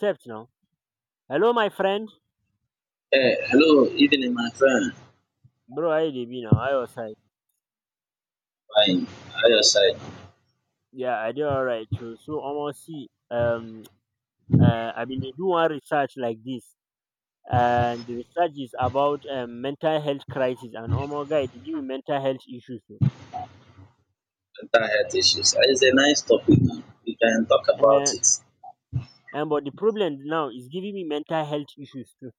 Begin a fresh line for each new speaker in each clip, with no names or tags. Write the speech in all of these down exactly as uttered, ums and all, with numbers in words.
Text now. Hello, my friend.
Hey, hello, evening, my friend.
Bro, how you dey be now? How your side?
Fine. How your side?
Yeah, I dey alright too. So, almost, see, um, uh, I been dey do one research like this, and the research is about um, mental health crisis. And almost guy, e dey give me mental health issues. Too.
Mental health issues. Uh, It's a nice topic. We can talk about
And
it.
and but the problem now is giving me mental health issues too.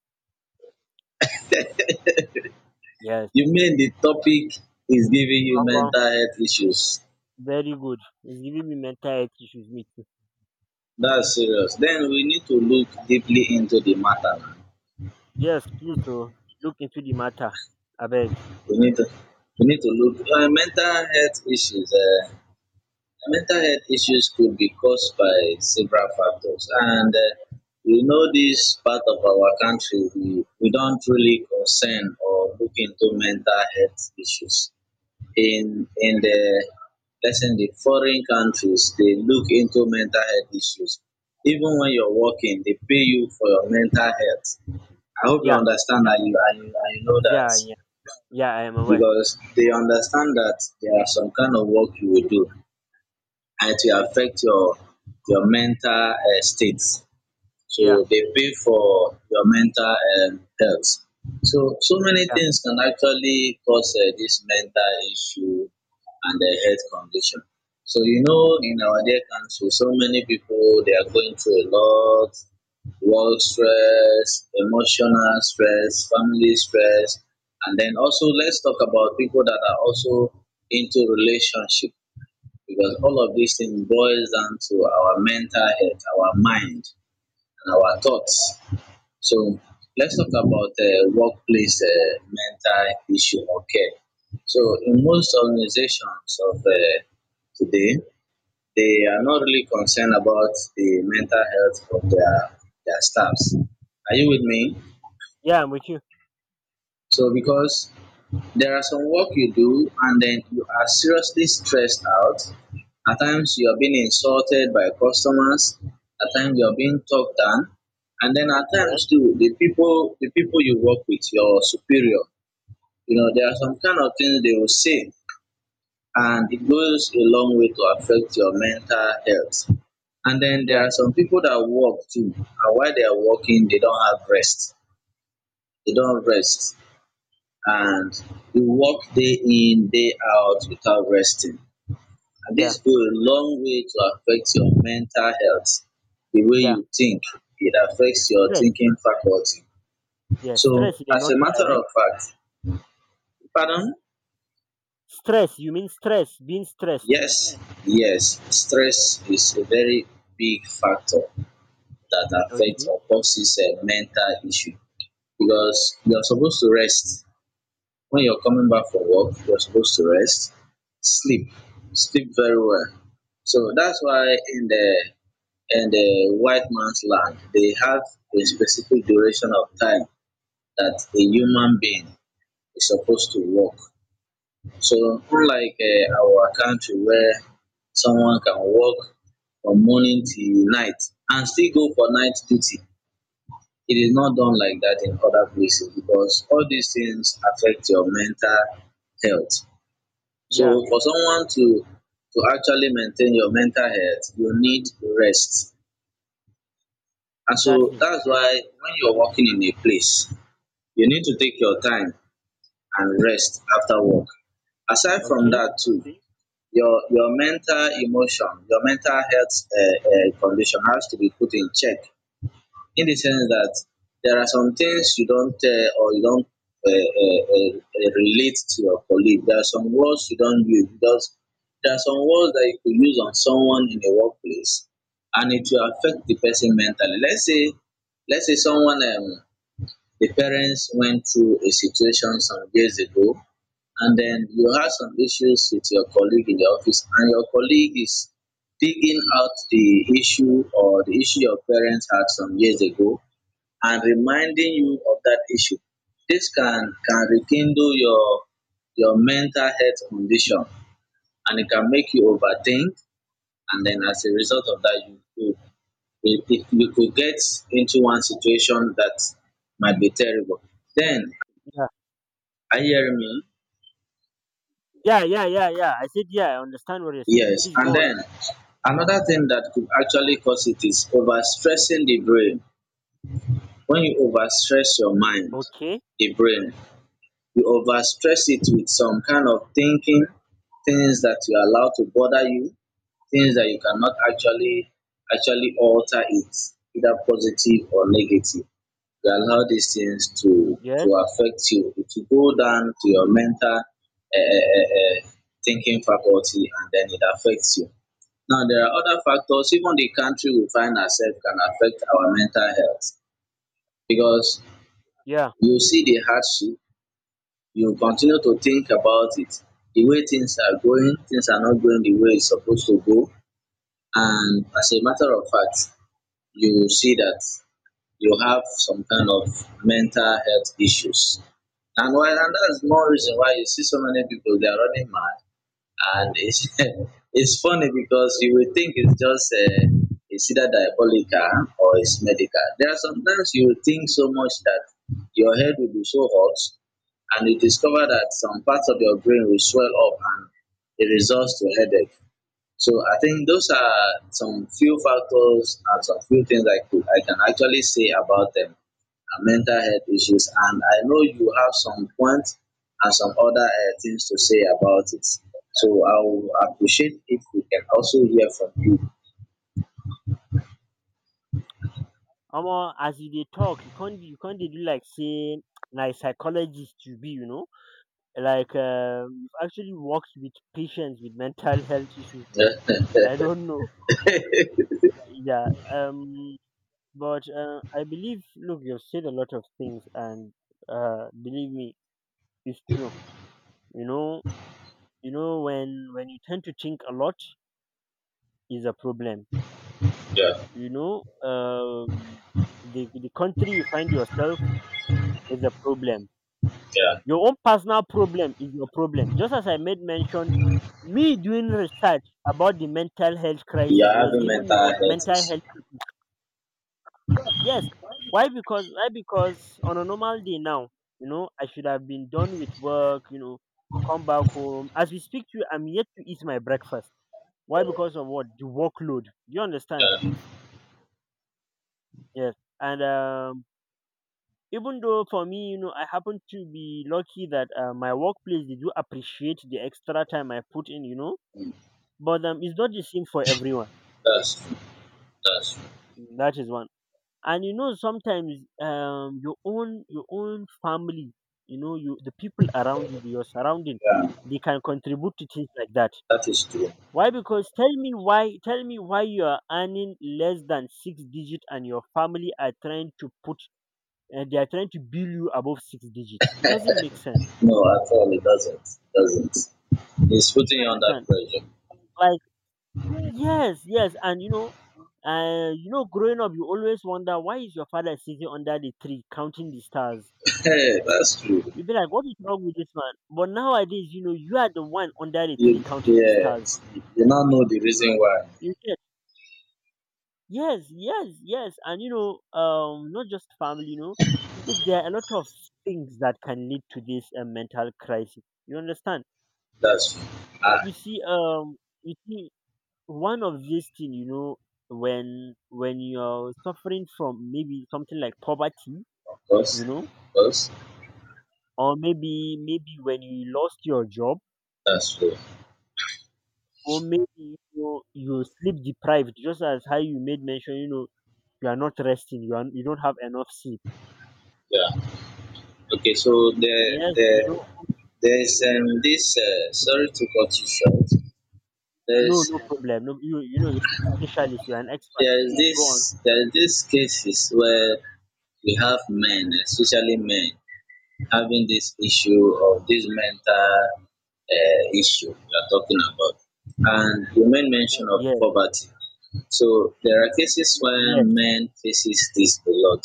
Yes,
You mean the topic is giving you
gangan,
mental health issues?
very good. It's giving me mental health issues me too.
That's serious. Then we need to look deeply into the matter.
Yes, please oh, look into the matter, abeg.
We need to we need to look uh, mental health issues. Uh, Mental health issues could be caused by several factors, and uh, you know this part of our country, we, we don't really concern or look into mental health issues. In in the let's say in the foreign countries, they look into mental health issues. Even when you're working, they pay you for your mental health. I hope you
Yeah,
understand
yeah,
that you and you, and you know that
yeah, yeah, yeah. I am aware.
because they understand that there are some kind of work you will do and it will affect your your mental um state. So
Yeah.
they pay for your mental um health. So so many
Yeah.
things can actually cause um dis mental issue and the health condition. So you know in our dear country so many people they are going through a lot, work stress, emotional stress, family stress and then also let's talk about people that are also into relationship because all of these things boils down to our mental health, our mind, and our thoughts. So let's talk about uh, workplace uh, mental issue or care. So in most organizations of uh, today, they are not
Okay.
really concerned about the mental health of their their staffs. Are you with me?
Yeah, I'm with you.
So because there are some work you do and then you are seriously stressed out. At times you are being insulted by customers, at times you are being talked down, and then at
Yes.
times too the people the people you work with, your superior, you know, there are some kind of things they will say and it goes a long way to affect your mental health. And then
Yeah.
there are some people that work too, and while they are working, they don't have rest. They don't rest and we work day in, day out without resting. And
Yeah.
this go a long way to affect your mental health, the way
Yeah.
you think. It affects your
Stress.
thinking faculty.
Yeah.
So,
Stress in a
as a
nutshell,
matter
Abby.
of fact, pardon?
Stress. You mean stress. Being stressed.
Yes, yes, stress is a very big factor that affects
Okay.
or causes a mental issue because you're supposed to rest when you're coming back from work, you're supposed to rest, sleep, sleep very well. So that's why in the in the white man's land, they have a specific duration of time that a human being is supposed to work. So unlike uh, our country where someone can work from morning till night and still go for night duty. It is not done like that in other places because all these things affect your mental health.
Yeah.
So for someone to to actually maintain your mental health, you need rest. And so
Exactly.
that's why when you're working in a place, you need to take your time and rest after work. Aside from
Okay.
that too, your your mental emotion, your mental health um um condition has to be put in check in the sense that there are some things you don't tell or you don't uh, uh, uh, uh, relate to your colleague. There are some words you don't use because there are some words that you could use on someone in the workplace and it will affect the person mentally. Let's say, let's say someone, um, the parents went through a situation some years ago and then you have some issues with your colleague in the office and your colleague is digging out the issue or the issue your parents had some years ago and reminding you of that issue. This can can rekindle your your mental health condition and it can make you overthink and then as a result of that you could you you- you could get into one situation that might be terrible. Then
Yeah.
are you hearing me?
Yeah. Yeah. Yeah. Yeah. I said yeah. I understand what you're saying.
Yes.
Please go
And
on.
then another thing that could actually cause it is overstressing the brain. When you overstress your mind,
Okay.
the brain you overstress it with some kind of thinking, things that you allow to bother you, things that you cannot actually actually alter it, either positive or negative. You allow these things to to
Yes.
affect you. It will go down to your mental uh, uh, uh, thinking faculty and then it affects you. Now, there are other factors, even the country we find ourselves can affect our mental health because
Yeah.
you see the hardship, you continue to think about it, the way things are going, things are not going the way it's supposed to go. And as a matter of fact, you will see that you have some kind of mental health issues. And why and that's more reason why you see so many people they are running mad and it's it's funny because you will think it's just uh, it's either diabolical or it's medical. There are sometimes you will think so much that your head will be so hot, and you discover that some parts of your brain will swell up and it results to headache. So I think those are some few factors and some few things I could I can actually say about them uh, mental health issues. And I know you have some points and some other uh, things to say about it. So I will appreciate if we can also hear from you.
Omo, as you dey talk, you can't you can't dey do like say na a psychologist you be, you know. Like um, you've actually worked with patients with mental health issues.
Yeah,
I don't know. Yeah. Um. But uh, I believe, look, you've said a lot of things, and uh, believe me, it's true. You know, you know when when you tend to think a lot is a problem.
yeah,
You know, um, the the country you find yourself is a problem.
yeah.
Your own personal problem is your problem. Just as I made mention, me doing research about the mental health
You
crisis
are
was
having
giving
mental
me what
health
mental
issues.
health. Yes. Why? Because why? Because on a normal day now, you know, I should have been done with work. You know, come back home. As we speak to you, I'm yet to eat my breakfast. Why? Because of what? The workload. You understand?
Um,
Yes. And um, even though for me, you know, I happen to be lucky that uh, my workplace they do appreciate the extra time I put in. You know, but um, it's not the same for everyone.
that's true. That's true.
That is one. And you know sometimes um your own your own family, you know, you the people around you, your surrounding,
Yeah,
they can contribute to things like that.
that is true.
Why? Because tell me why tell me why you are earning less than six digit and your family are trying to put uh, they are trying to bill you above six digits. It doesn't make sense.
No, at all, it doesn't. It doesn't. It's
You
putting you under
understand?
pressure.
Like yes, yes, and you know uh, you know, growing up, you always wonder why is your father sitting under the tree counting the stars?
Hey, that's true.
You'll be like, what is wrong with this man? But nowadays, you know, you are the one under the
You,
tree counting the stars.
yes, you now know the reason why.
You get yes, yes, yes, and you know, um, not just family. You know, look, there are a lot of things that can lead to this uh, mental crisis. You understand?
That's true. Ah,
You see, um, you see, one of these things, you know, when when you're suffering from maybe something like poverty,
of course,
you know,
of course.
or maybe maybe when you lost your job
That's true.
or maybe you're, you're sleep deprived, just as how you made mention, you know, you are not resting, you are you don't have enough sleep.
Yeah. Okay. So the
Yes, you
the
know,
there's um this. Uh, sorry to cut you short.
no,
There's
no problem. No, you you know, you're a specialist, you're an expert.
there's
Please go on.
this there's this cases where we have men, especially men, having this issue of this mental uh, issue we are talking about, and you made mention of
Yes,
poverty. So there are cases where
yes,
men faces this a lot,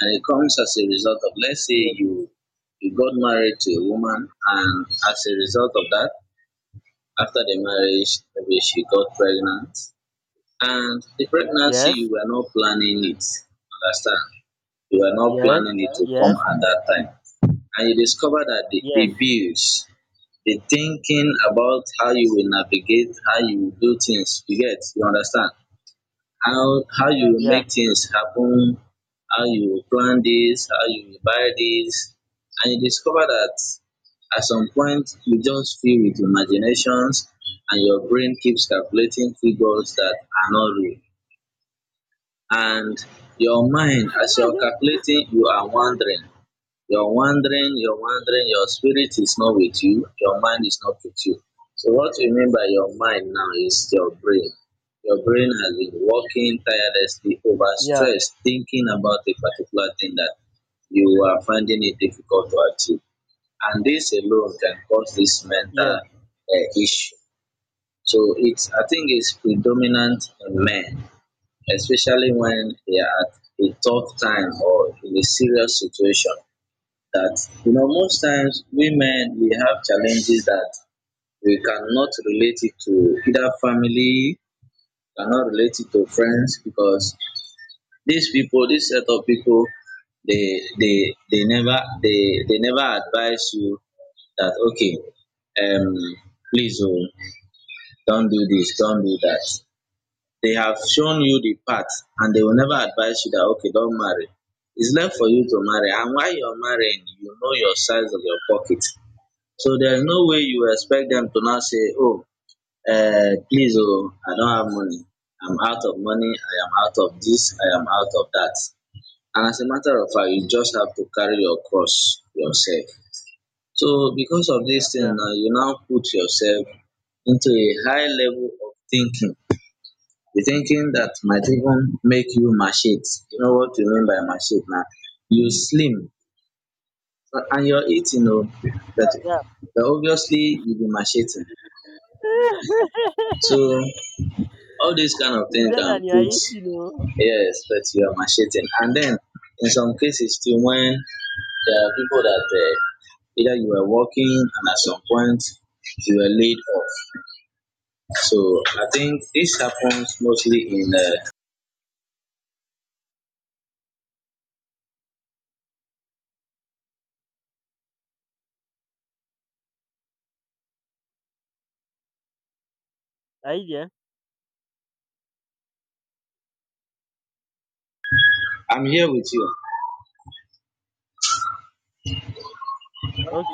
and it comes as a result of let's say
yes,
you you got married to a woman, and as a result of that, after the marriage, maybe she got pregnant, and the pregnancy you
yes,
were not planning it. Understand? You were not
yes,
planning it to come at that time, and you discover that the,
yes,
the bills, the thinking about how you will navigate, how you will do things, you get, you understand? how how you
yes,
will
yeah,
make things happen, how you will plan this, how you will buy this, and you discover that at some point you just fill with imaginations and your brain keeps calculating figures that are not real. And your mind, as you're
mhm.
calculating, you are wondering you're wandering, you're wandering, your spirit is not with you, your mind is not with you. So, what we mean by your mind now is your brain. Your brain has been working tirelessly
Yeah,
overstressed, thinking about a particular thing that you are finding it difficult to achieve. And this alone can cause this mental
yes,
uh, issue. So it's I think it's predominant in men, especially when they are at a tough time or in a serious situation that you know most times women we have challenges that we cannot relate it to either family cannot relate it to friends because these people this set of people they they they never they they never advise you that okay um please oh don't do this don't do that. They have shown you the path and they will never advise you that okay don't marry. It's left for you to marry and while you're marrying you know your size of your pocket, so there's no way you expect
mm,
them to not say, oh, uh, please, oh, I don't have money. I'm out of money. I am out of this. I am out of that. And as a matter of fact, you just have to carry your cross yourself. So because of this thing,
yeah,
now you now put yourself into a high level of thinking. The thinking that might even make you machete. You know what you mean by machete now? You slim and you're eating, oh, but,
yeah.
but obviously you be macheting. So all these kind of
Is
things
that
can
and you're
put
eating, you know?
yes put you are macheting. And then in some cases too when there are people that uh, either you were working and at some point you were laid off. So I think this happens mostly in uh,
Are you there?
I'm here with you.
Okay,